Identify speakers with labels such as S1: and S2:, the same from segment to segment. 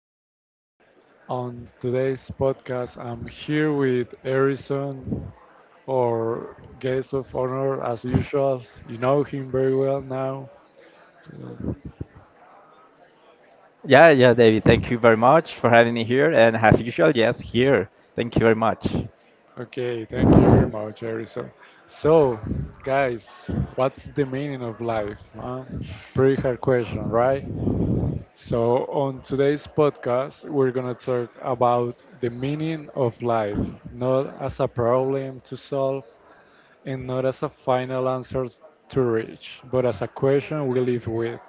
S1: podcast. On today's podcast, I'm here with Harrison, our guest of honor, as usual. You know him very well now. Uh,
S2: Yeah, yeah, David, thank you very much for having me here. And as usual, yes, here. Thank you very much.
S1: Okay, thank you very much, Harrison. So, guys, what's the meaning of life? Huh? Pretty hard question, right? So, on today's podcast, we're going to talk about the meaning of life, not as a problem to solve, and not as a final answer to reach, but as a question we live with.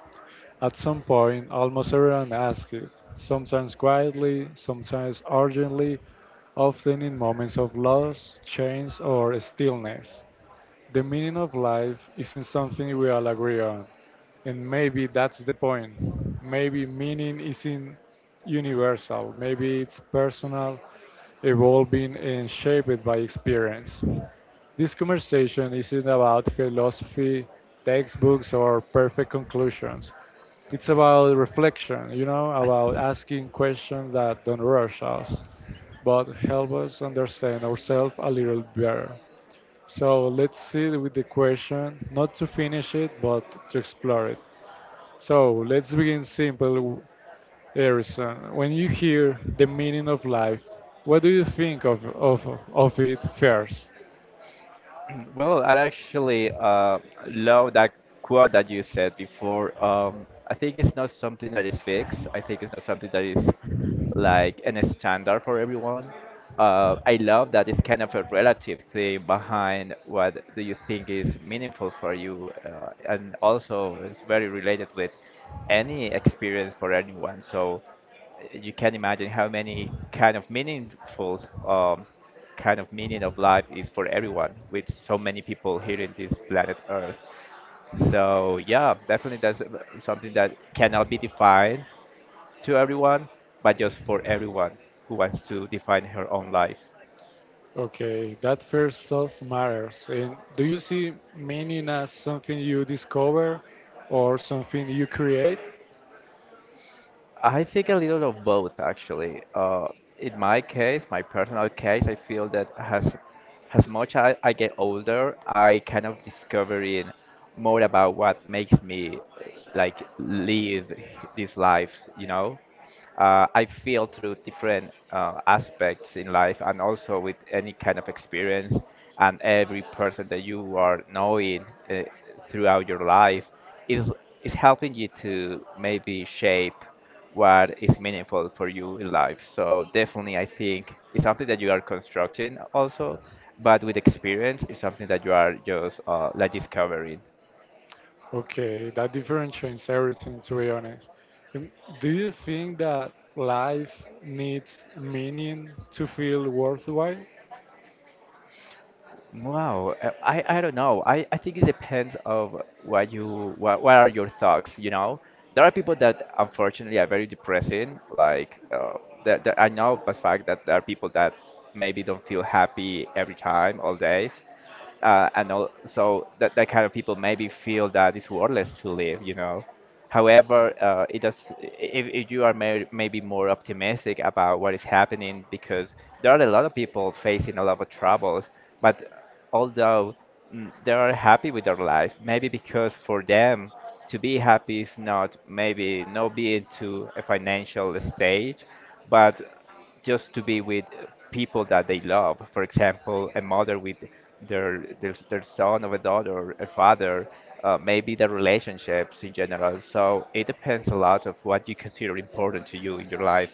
S1: At some point, almost everyone asks it, sometimes quietly, sometimes urgently, often in moments of loss, change, or stillness. The meaning of life isn't something we all agree on, and maybe that's the point. Maybe meaning isn't universal, maybe it's personal, evolving, and shaped by experience. This conversation isn't about philosophy, textbooks, or perfect conclusions. It's about reflection, you know, about asking questions that don't rush us, but help us understand ourselves a little better. So let's see with the question, not to finish it, but to explore it. So let's begin simple, Harrison. When you hear the meaning of life, what do you think of it first?
S2: Well, I actually love that quote that you said before. I think it's not something that is fixed. I think it's not something that is like an standard for everyone. I love that it's kind of a relative thing behind what do you think is meaningful for you, and also it's very related with any experience for anyone. So you can imagine how many kind of meaningful kind of meaning of life is for everyone with so many people here in this planet earth. So yeah, definitely that's something that cannot be defined to everyone, but just for everyone who wants to define her own life.
S1: Okay, that first stuff matters. And do you see meaning as something you discover or something you create?
S2: I think a little of both, actually. In my case, my personal case, I feel that as much as I get older, I kind of discovering more about what makes me like live this life, you know? I feel through different aspects in life and also with any kind of experience and every person that you are knowing uh, throughout your life is is helping you to maybe shape what is meaningful for you in life. So definitely I think it's something that you are constructing also, but with experience it's something that you are just like discovering.
S1: Okay, that difference changed everything, to be honest. Um, Do you think that life needs meaning to feel worthwhile?
S2: Wow, I don't know. I think it depends of what are your thoughts, you know? There are people that unfortunately are very depressing. Like that I know the fact that there are people that maybe don't feel happy every time, all days, and also that kind of people maybe feel that it's worthless to live. However, it does if you are maybe more optimistic about what is happening, because there are a lot of people facing a lot of troubles but although they are happy with their life, maybe because for them to be happy is not, maybe not being to a financial stage, but just to be with people that they love. For example, a mother with their son or a daughter, or a father, maybe the relationships in general. So it depends a lot of what you consider important to you in your life.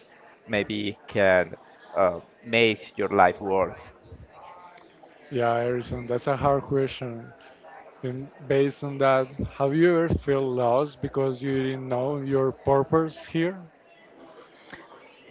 S2: Maybe it can uh, make your life worth.
S1: Yeah, Harrison, that's a hard question. And based on that, have you ever felt lost because you didn't know your purpose here?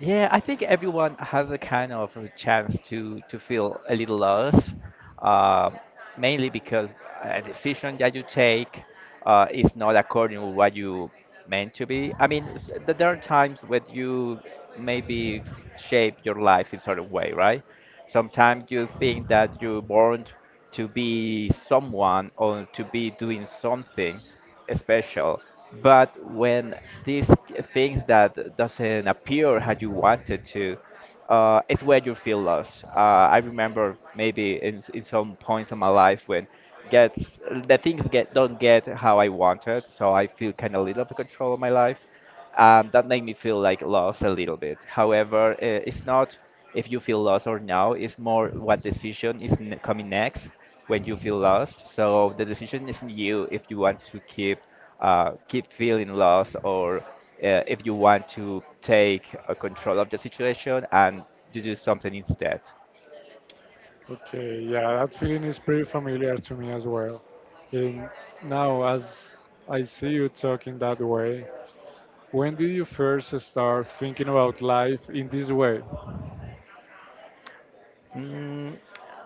S2: Yeah, I think everyone has a kind of a chance to feel a little lost, uh, mainly because a decision that you take is not according to what you meant to be. I mean, there are times when you maybe shape your life in sort of way, right? Sometimes you think that you're born to be someone or to be doing something special, but when these things that doesn't appear how you wanted to, it's where you feel lost. I remember maybe in some points of my life when gets the things get don't get how I wanted, so I feel kind of little out of control of my life, and that made me feel like lost a little bit. However, it's not if you feel lost or now, it's more what decision is n coming next when you feel lost. So the decision is in you if you want to keep keep feeling lost, or if you want to take control of the situation and to do something instead.
S1: Okay, yeah, that feeling is pretty familiar to me as well. And now, as I see you talking that way, when did you first start thinking about life in this way?
S2: Mm,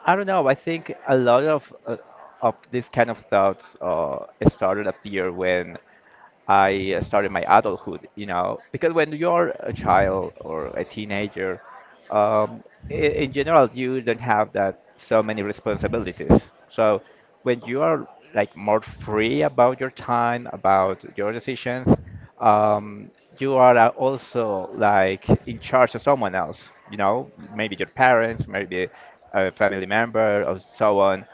S2: I don't know. I think a lot of this kind of thoughts started appear when I started my adulthood, because when you are a child or a teenager, um, in general, you don't have that so many responsibilities. So when you are like more free about your time, about your decisions, um, you are also like in charge of someone else, maybe your parents, maybe a family member, or so on.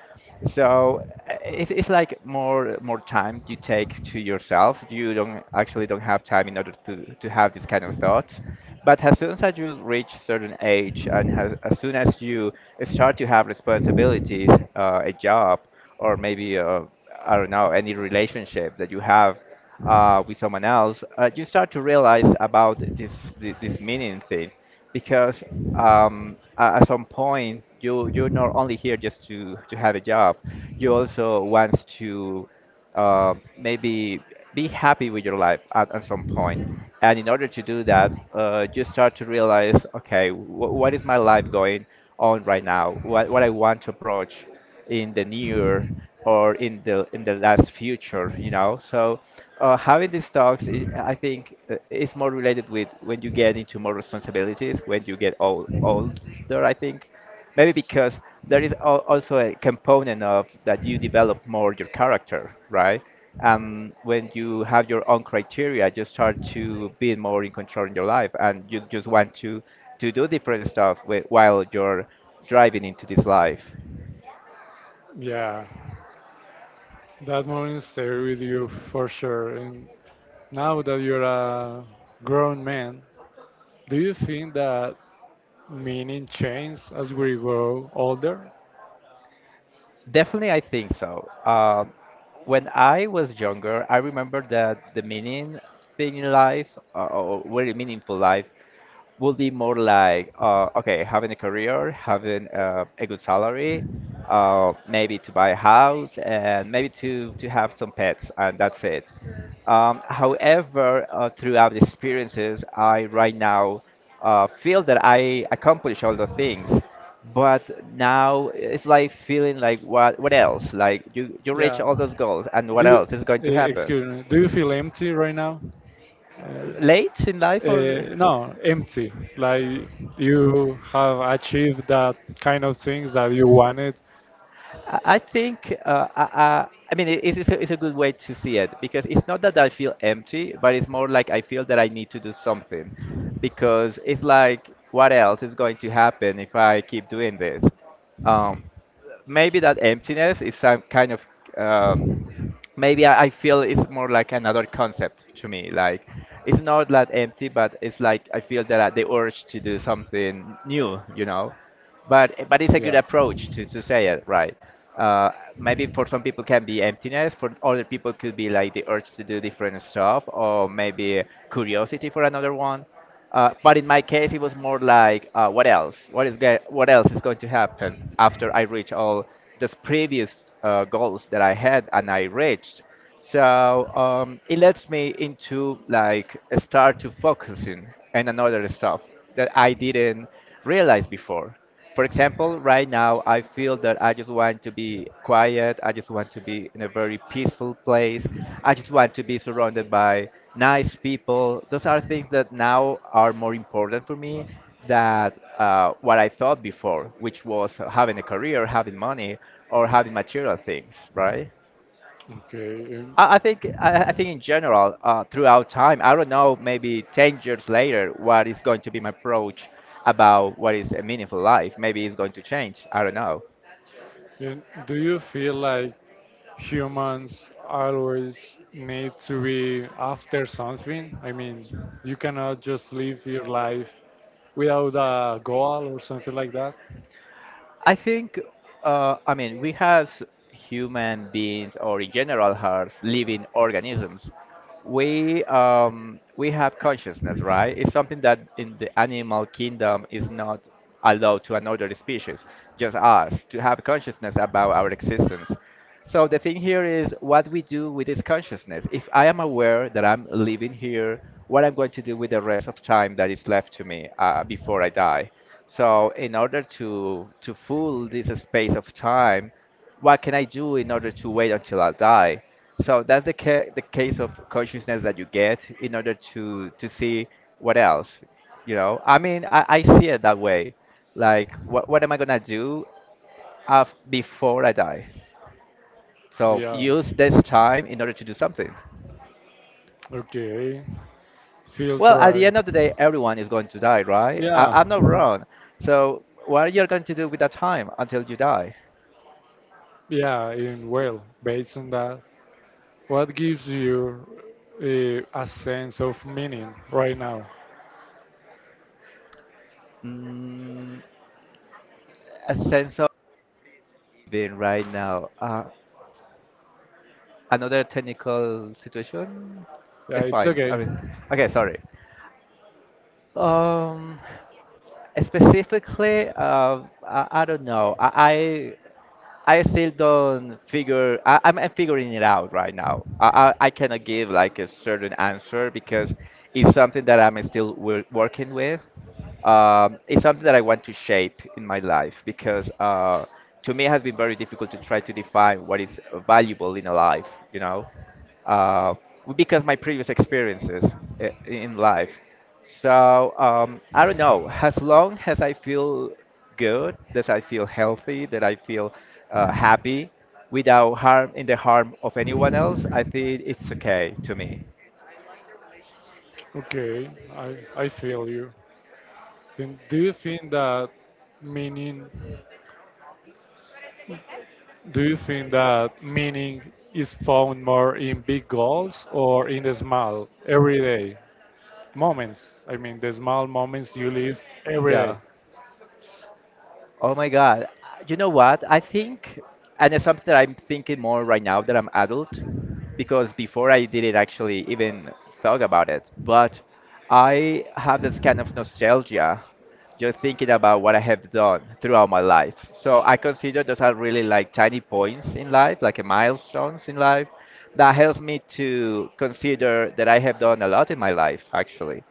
S2: So it's like more time you take to yourself. You don't actually don't have time in order to have this kind of thoughts. But as soon as you reach certain age and as soon as you start to have responsibilities, a job or maybe I don't know any relationship that you have, with someone else, you start to realize about this this meaning thing, because at some point you're not only here just to have a job, you also want to, maybe, be happy with your life at some point. And in order to do that, you start to realize, okay, what is my life going on right now? What I want to approach in the near or in the last future. So having these talks, I think, is more related with when you get into more responsibilities, when you get older. I think maybe because there is also a component of that you develop more your character, right? And when you have your own criteria, you start to be more in control in your life, and you just want to do different stuff while you're driving into this life.
S1: Yeah. That moment stayed with you for sure. And now that you're a grown man, do you think that meaning changes as we grow older?
S2: Definitely, I think so. When I was younger, I remember that the meaning thing in life, or very meaningful life, will be more like, okay, having a career, having a good salary, maybe to buy a house, and maybe to have some pets, and that's it. However, throughout the experiences I right now feel that I accomplish all the things, but now it's like feeling like what else, like you reach
S1: Yeah.
S2: all those goals and
S1: Do
S2: what
S1: you,
S2: else is going to
S1: eh,
S2: happen.
S1: excuse me, do you feel empty right now? Uh,
S2: Late in life or—
S1: no, empty. Like you have achieved that kind of things that you wanted.
S2: I think I mean it's a good way to see it, because it's not that I feel empty, but it's more like I feel that I need to do something, because it's like what else is going to happen if I keep doing this? Um, Maybe that emptiness is some kind of, um, maybe I feel it's more like another concept to me. Like, it's not that empty, but it's like I feel that the urge to do something new. But it's a good
S1: Yeah.
S2: approach to say it right. Uh, maybe for some people can be emptiness, for other people could be like the urge to do different stuff, or maybe curiosity for another one. But in my case, it was more like, what else? What else is going to happen after I reach all those previous goals that I had and I reached? So it lets me into like start to focusing on another stuff that I didn't realize before. For example, right now I feel that I just want to be quiet. I just want to be in a very peaceful place. I just want to be surrounded by nice people. Those are things that now are more important for me than what I thought before, which was having a career, having money, or having material things, right?
S1: Okay. And,
S2: I think in general, throughout time, I don't know, maybe 10 years later, what is going to be my approach about what is a meaningful life. Maybe it's going to change. I don't know.
S1: and do you feel like humans always need to be after something. I mean, you cannot just live your life without a goal or something like that.
S2: I think, I mean, we as human beings or in general as living organisms, we have consciousness, right? It's something that in the animal kingdom is not allowed to another species, just us to have consciousness about our existence. So the thing here is what we do with this consciousness. If I am aware that I'm living here, what I'm going to do with the rest of time that is left to me before I die. So in order to fill this space of time, what can I do in order to wait until I die? So that's the case of consciousness that you get in order to see what else. I mean, I see it that way. Like, what am I gonna do af before I die? So
S1: Yeah.
S2: use this time in order to do something.
S1: Okay. Feels
S2: Well, at the
S1: right.
S2: end of the day, everyone is going to die, right? I,
S1: Yeah.
S2: I'm not wrong. So what are you going to do with that time until you die?
S1: Yeah. And well, based on that, what gives you a sense of meaning right now?
S2: Mm, a sense of living right now. Another technical situation?
S1: Yeah,
S2: It's
S1: it's
S2: fine.
S1: okay.
S2: I mean, okay, sorry. Um, Specifically, I don't know. I still don't figure. I'm figuring it out right now. I cannot give like a certain answer because it's something that I'm still working with. It's something that I want to shape in my life because to me it has been very difficult to try to define what is valuable in a life. You know, uh, because my previous experiences in life. So I don't know. As long as I feel good, that I feel healthy, that I feel happy, without harm in the harm of anyone else, I think it's okay to me.
S1: Okay. I feel you. And do you think that meaning Do you think that meaning is found more in big goals or in the small, everyday moments? I mean, the small moments you live every day.
S2: Yeah. Oh my God. You know what? I think, and it's something that I'm thinking more right now that I'm adult, because before I didn't actually even thought about it. But I have this kind of nostalgia, just thinking about what I have done throughout my life. So I consider those are really like tiny points in life, like a milestones in life, that helps me to consider that I have done a lot in my life, actually.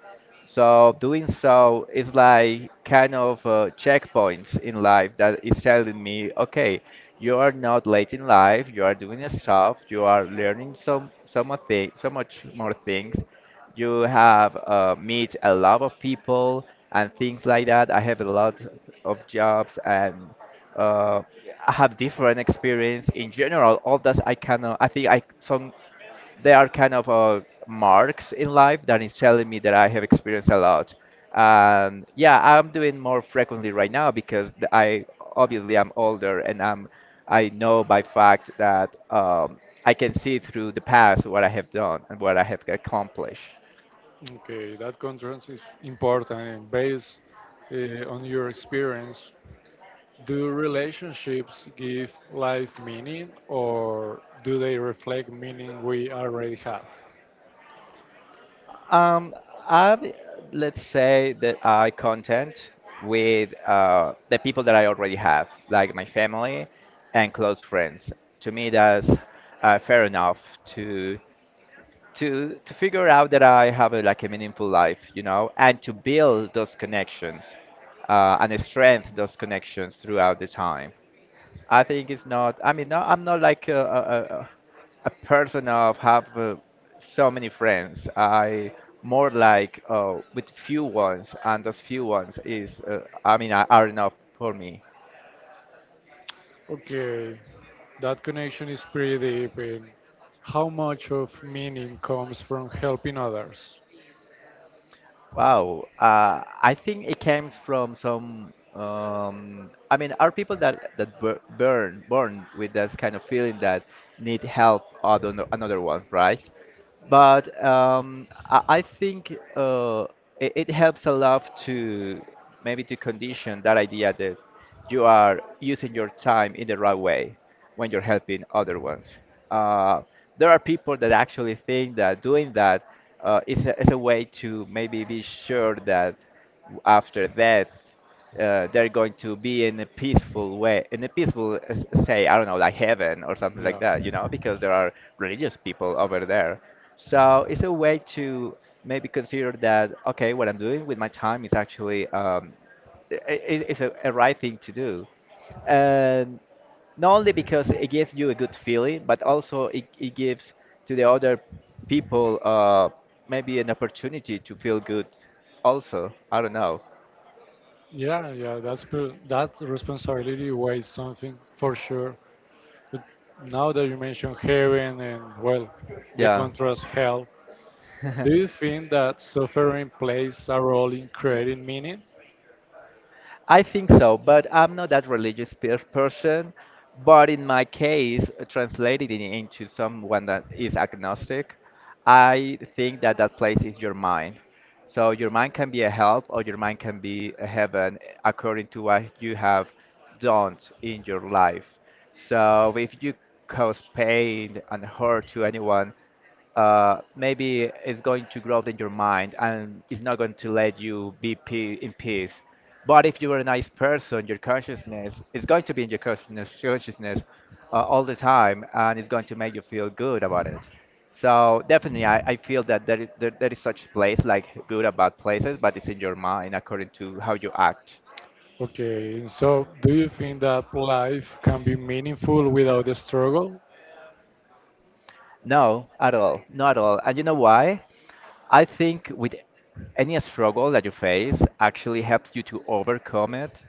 S2: So doing so is like kind of checkpoints in life that is telling me, okay, you are not late in life, you are doing stuff, you are learning some much thing, so much more things. You have meet a lot of people and things like that. I have a lot of jobs and uh, I have different experience in general. All that I cannot, I think I some there are kind of marks in life that is telling me that I have experienced a lot. And yeah, I'm doing more frequently right now because I obviously I'm older and I'm I know by fact that I can see through the past what I have done and what I have accomplished.
S1: Okay, that contrast is important and based on your experience. Do relationships give life meaning or do they reflect meaning we already have?
S2: Um, I let's say that I content with the people that I already have, like my family and close friends. To me, that's fair enough to to figure out that I have a, like a meaningful life, you know, and to build those connections and strengthen those connections throughout the time. I think it's not. I mean, no, I'm not like a person of have so many friends. I more like with few ones, and those few ones is I mean are enough for me.
S1: Okay, that connection is pretty deep. And how much of meaning comes from helping others?
S2: Wow, I think it comes from some. I mean, are people that burn born with this kind of feeling that need help other another one, right? But I think it helps a lot to maybe to condition that idea that you are using your time in the right way when you're helping other ones. Uh, there are people that actually think that doing that is a way to maybe be sure that after that they're going to be in a peaceful way, in a peaceful, say, I don't know, like heaven or something like
S1: Yeah,
S2: that, you know, because there are religious people over there. So it's a way to maybe consider that, okay, what I'm doing with my time is actually it's a right thing to do. And not only because it gives you a good feeling, but also it gives to the other people maybe an opportunity to feel good also. I don't know.
S1: yeah, yeah. That's that responsibility weighs something for sure. But now that you mention heaven and well, the
S2: Yeah.
S1: contrast hell, do you think that suffering plays a role in creating meaning?
S2: I think so, but I'm not that religious per person. But in my case, translated it into someone that is agnostic, I think that that place is your mind. So your mind can be a help or your mind can be a heaven according to what you have done in your life. So if you cause pain and hurt to anyone, maybe it's going to grow in your mind and it's not going to let you be pe in peace. But if you are a nice person, your consciousness is going to be in your consciousness all the time and it's going to make you feel good about it. So definitely, I feel that there is, there is such place like good or bad places, but it's in your mind according to how you act.
S1: Okay, and so do you think that life can be meaningful without the struggle?
S2: No, at all. Not at all. And you know why? I think with any struggle that you face actually helps you to overcome it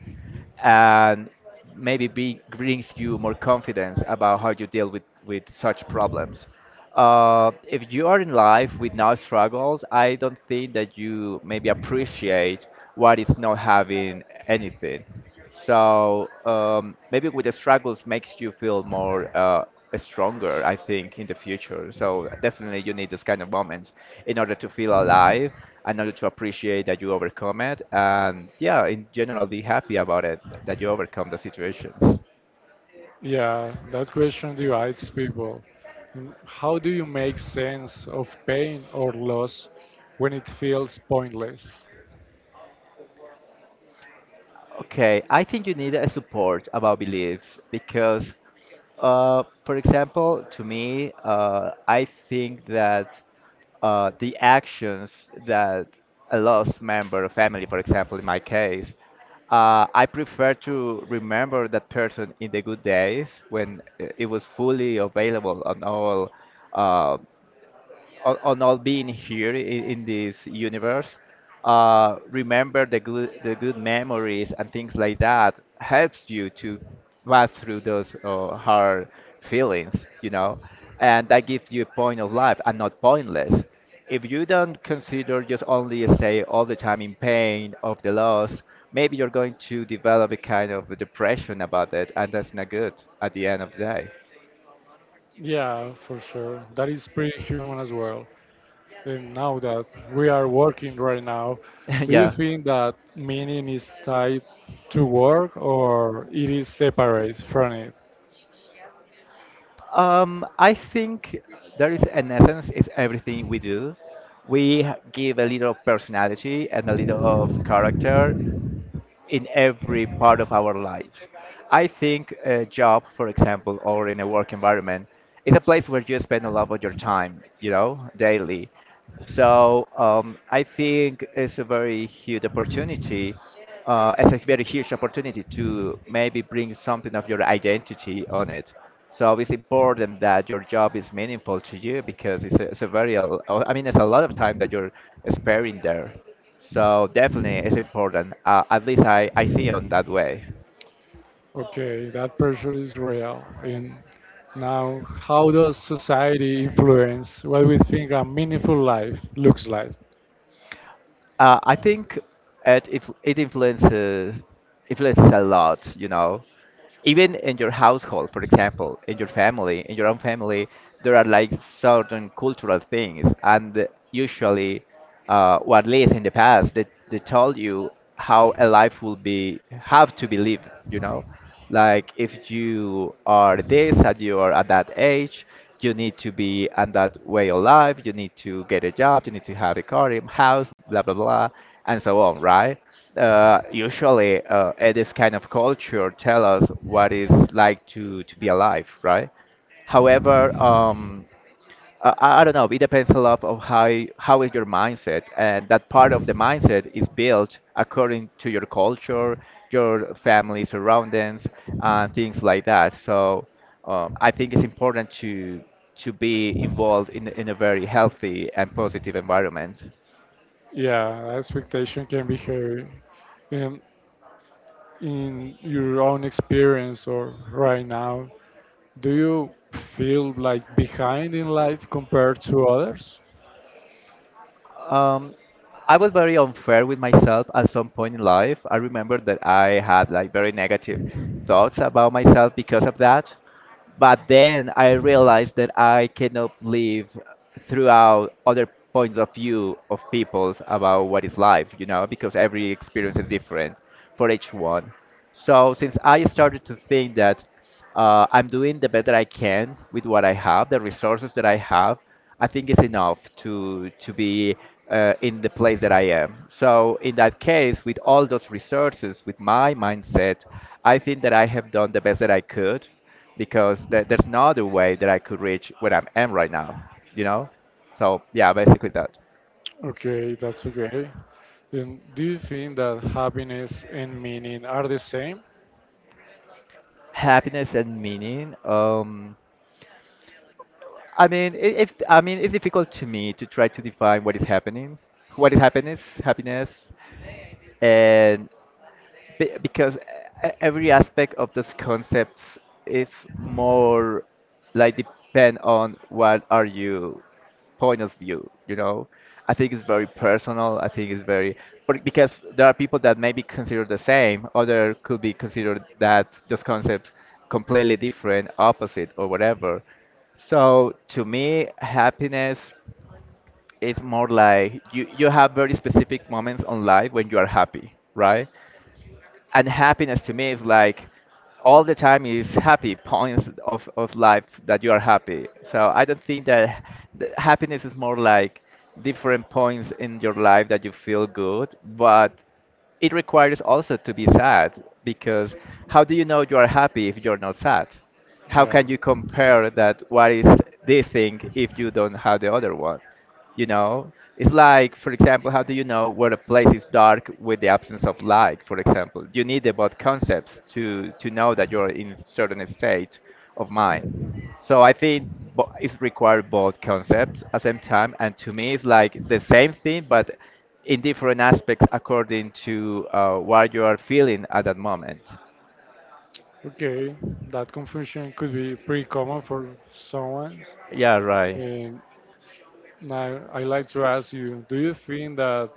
S2: and brings you more confidence about how you deal with such problems. If you are in life with no struggles, I don't think that you maybe appreciate what is not having anything. So maybe with the struggles makes you feel more stronger, I think, in the future. So definitely you need those kind of moments in order to feel alive, in order to appreciate that you overcome it, and yeah, in general, be happy about it that you overcome the situations.
S1: Yeah, that question divides people. How do you make sense of pain or loss when it feels pointless?
S2: Okay, I think you need a support about beliefs because, for example, to me, I think that the actions that a lost member of family, for example, in my case, I prefer to remember that person in the good days when it was fully available on all. Uh, on all being here in this universe remember the good memories and things like that helps you to pass through those hard feelings, you know, and that gives you a point of life and not pointless if you don't consider just only stay all the time in pain of the loss, maybe you're going to develop a kind of depression about it and that's not good at the end of the day.
S1: Yeah, for sure. That is pretty human as well. And now that we are working right now, do you
S2: Yeah.
S1: think that meaning is tied to work or it is separate from it?
S2: I think there is an essence is everything we do. We give a little personality and a little of character in every part of our lives. I think a job, for example, or in a work environment, is a place where you spend a lot of your time, you know, daily. So I think it's a very huge opportunity. It's a very huge opportunity to maybe bring something of your identity on it. So it's important that your job is meaningful to you because it's a very, I mean, it's a lot of time that you're sparing there. So definitely it's important. At least I see it that way.
S1: Okay, that pressure is real. And now, how does society influence what we think a meaningful life looks like?
S2: I think it influences a lot, you know. Even in your household, for example, in your family, in your own family, there are like certain cultural things and usually or at least in the past they told you how a life will be have to be lived, you know, like if you are this and you are at that age, you need to be on that way of life, you need to get a job, you need to have a car, a house, blah blah blah, and so on, right? Usually at this kind of culture tell us what it's like to be alive, right? However, I don't know, it depends a lot of how, how is your mindset. And that part of the mindset is built according to your culture, your family surroundings, and things like that. So I think it's important to be involved in a very healthy and positive environment.
S1: Yeah, expectation can be heavy. Um, in your own experience or right now, do you feel like behind in life compared to others?
S2: Um, I was very unfair with myself at some point in life. I remember that I had like very negative thoughts about myself because of that. But then I realized that I cannot live throughout other points of view of people's about what is life, you know, because every experience is different for each one. So since I started to think that I'm doing the best that I can with what I have, the resources that I have, I think it's enough to be in the place that I am. So in that case, with all those resources, with my mindset, I think that I have done the best that I could, because there's no other way that I could reach where I am right now. You know. So yeah, basically that.
S1: Okay, that's okay. Then do you think that happiness and meaning are the same?
S2: Happiness and meaning. I mean, I- it's I mean it's difficult to me to try to define what is happening, what is happiness, and because every aspect of those concepts is more like depend on what are you point of view, you know. I think it's very personal, I think it's very, but because there are people that may be considered the same, other could be considered that those concepts completely different, opposite, or whatever. So to me, happiness is more like you have very specific moments on life when you are happy, right? And happiness to me is like all the time is happy points of life that you are happy, so I don't think that the happiness is more like different points in your life that you feel good, but it requires also to be sad, because how do you know you are happy if you're not sad? How
S1: Yeah.
S2: can you compare that what is this thing if you don't have the other one? You know, it's like, for example, how do you know where a place is dark with the absence of light? For example, you need about concepts to know that you're in certain state of mind. So I think it's required both concepts at the same time, and to me, it's like the same thing, but in different aspects according to what you are feeling at that moment.
S1: Okay, that confusion could be pretty common for someone.
S2: Yeah, right.
S1: And now I like to ask you, do you think that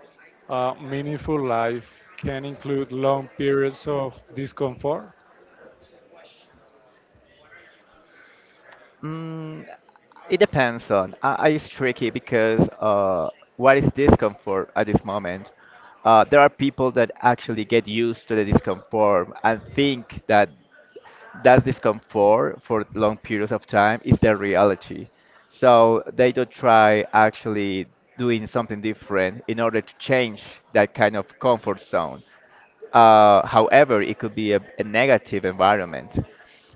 S1: a meaningful life can include long periods of discomfort?
S2: Mm, it depends on. I it's tricky because what is discomfort at this moment? There are people that actually get used to the discomfort and think that that discomfort for long periods of time is their reality. So they don't try actually doing something different in order to change that kind of comfort zone. However, it could be a negative environment.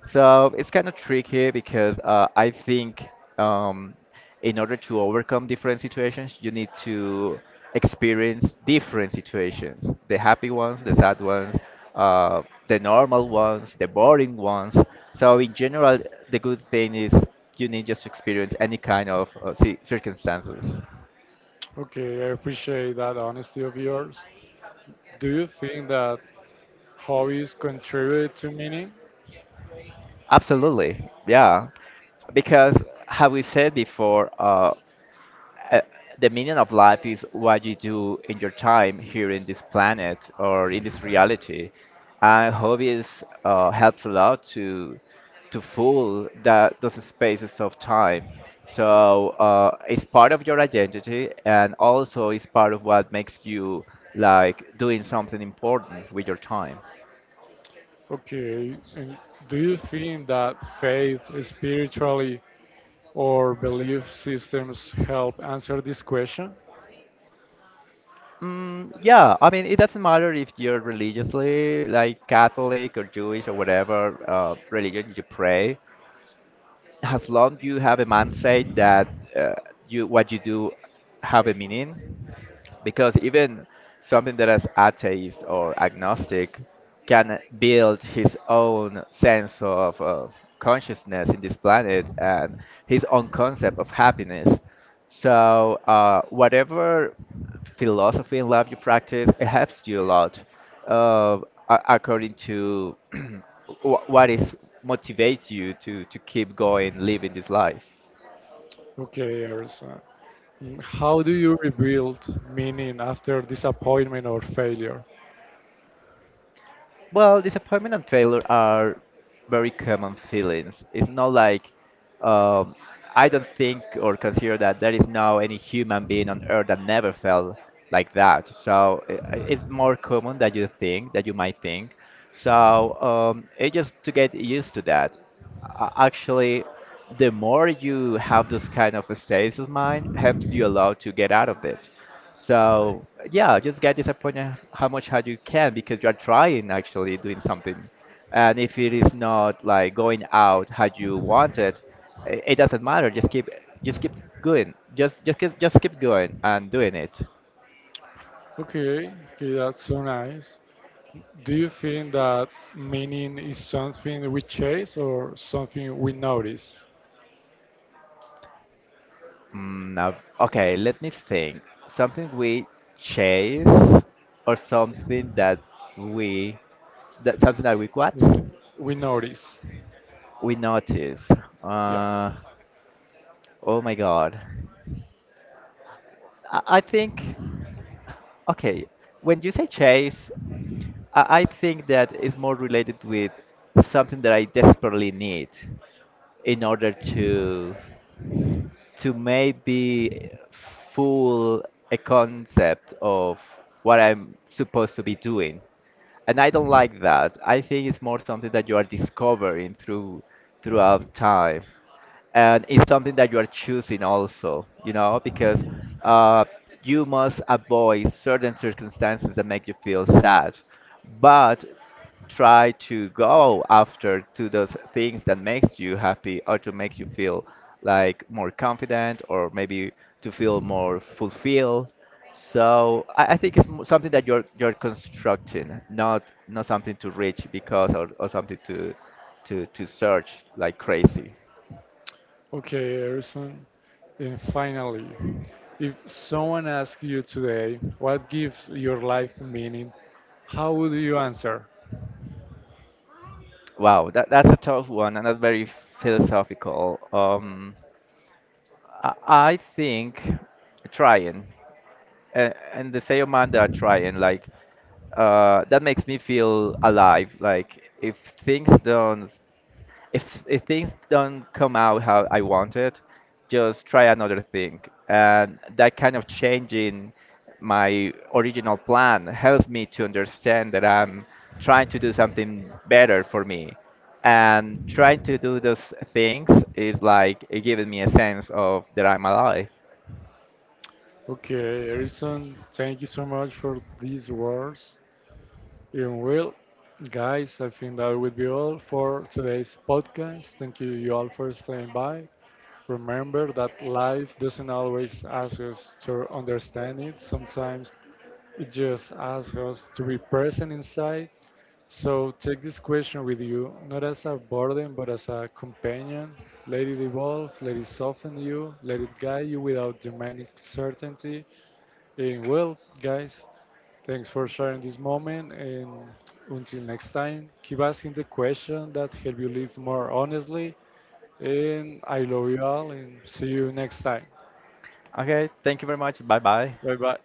S2: So it's kind of tricky because I think um, in order to overcome different situations, you need to experience different situations, the happy ones, the sad ones, uh, the normal ones, the boring ones. So in general, the good thing is you need just to experience any kind of circumstances.
S1: Okay, I appreciate that honesty of yours. Do you think that hobbies contribute to meaning?
S2: Absolutely, yeah. Because, have we said before, uh, the meaning of life is what you do in your time here in this planet or in this reality. And hobbies helps a lot to fill that those spaces of time. So it's part of your identity, and also it's part of what makes you like doing something important with your time.
S1: Okay, and do you think that faith, spiritually, or belief systems help answer this question?
S2: Mm, yeah, I mean, it doesn't matter if you're religiously like Catholic or Jewish or whatever religion you pray, as long you have a mindset that uh, you what you do have a meaning, because even something that is atheist or agnostic can build his own sense of consciousness in this planet and his own concept of happiness. So, whatever philosophy and love you practice, it helps you a lot, uh, according to what is motivates you to keep going, living this life.
S1: Okay, Ersan. How do you rebuild meaning after disappointment or failure?
S2: Well, disappointment and failure are very common feelings. It's not like um, I don't think or consider that there is no any human being on earth that never felt like that. So it's more common that you think, that you might think. So it just to get used to that. Actually, the more you have this kind of states of mind, helps you a lot to get out of it. So yeah, just get disappointed how much hard you can because you are trying actually doing something, and if it is not like going out how you want it, it doesn't matter. Just keep going. Just keep going and doing it.
S1: Okay, okay, that's so nice. Do you think that meaning is something we chase or something we notice?
S2: Mm, now, okay, let me think. Something we chase or something that we that something that we what
S1: Uh, we notice.
S2: we notice.
S1: Yeah.
S2: Uh, oh my God. I think. Okay, when you say chase, I think that is more related with something that I desperately need in order to maybe fool a concept of what I'm supposed to be doing. And I don't like that. I think it's more something that you are discovering throughout time, and it's something that you are choosing also, you know, because uh, you must avoid certain circumstances that make you feel sad, but try to go after to those things that makes you happy or to make you feel like more confident, or maybe to feel more fulfilled. So I think it's something that you're constructing, not something to reach because, or something to to search like crazy.
S1: Okay, Erison. And finally, if someone asks you today what gives your life meaning, how would you answer?
S2: Wow, that's a tough one, and that's very philosophical. I think trying, and the same amount that are trying, like that makes me feel alive. Like if things don't if things don't come out how I want it, just try another thing. And that kind of changing my original plan helps me to understand that I'm trying to do something better for me. And trying to do those things is like it giving me a sense of that I'm alive.
S1: Okay, Erison, thank you so much for these words. And well, guys, I think that would be all for today's podcast. Thank you, you all, for staying by. Remember that life doesn't always ask us to understand it, sometimes it just asks us to be present inside. So take this question with you, not as a burden, but as a companion. Let it evolve, let it soften you, let it guide you without demanding certainty. And well, guys, thanks for sharing this moment. And until next time, keep asking the question that help you live more honestly. And I love you all, and see you next time.
S2: Okay, thank you very much. Bye bye.
S1: Bye bye.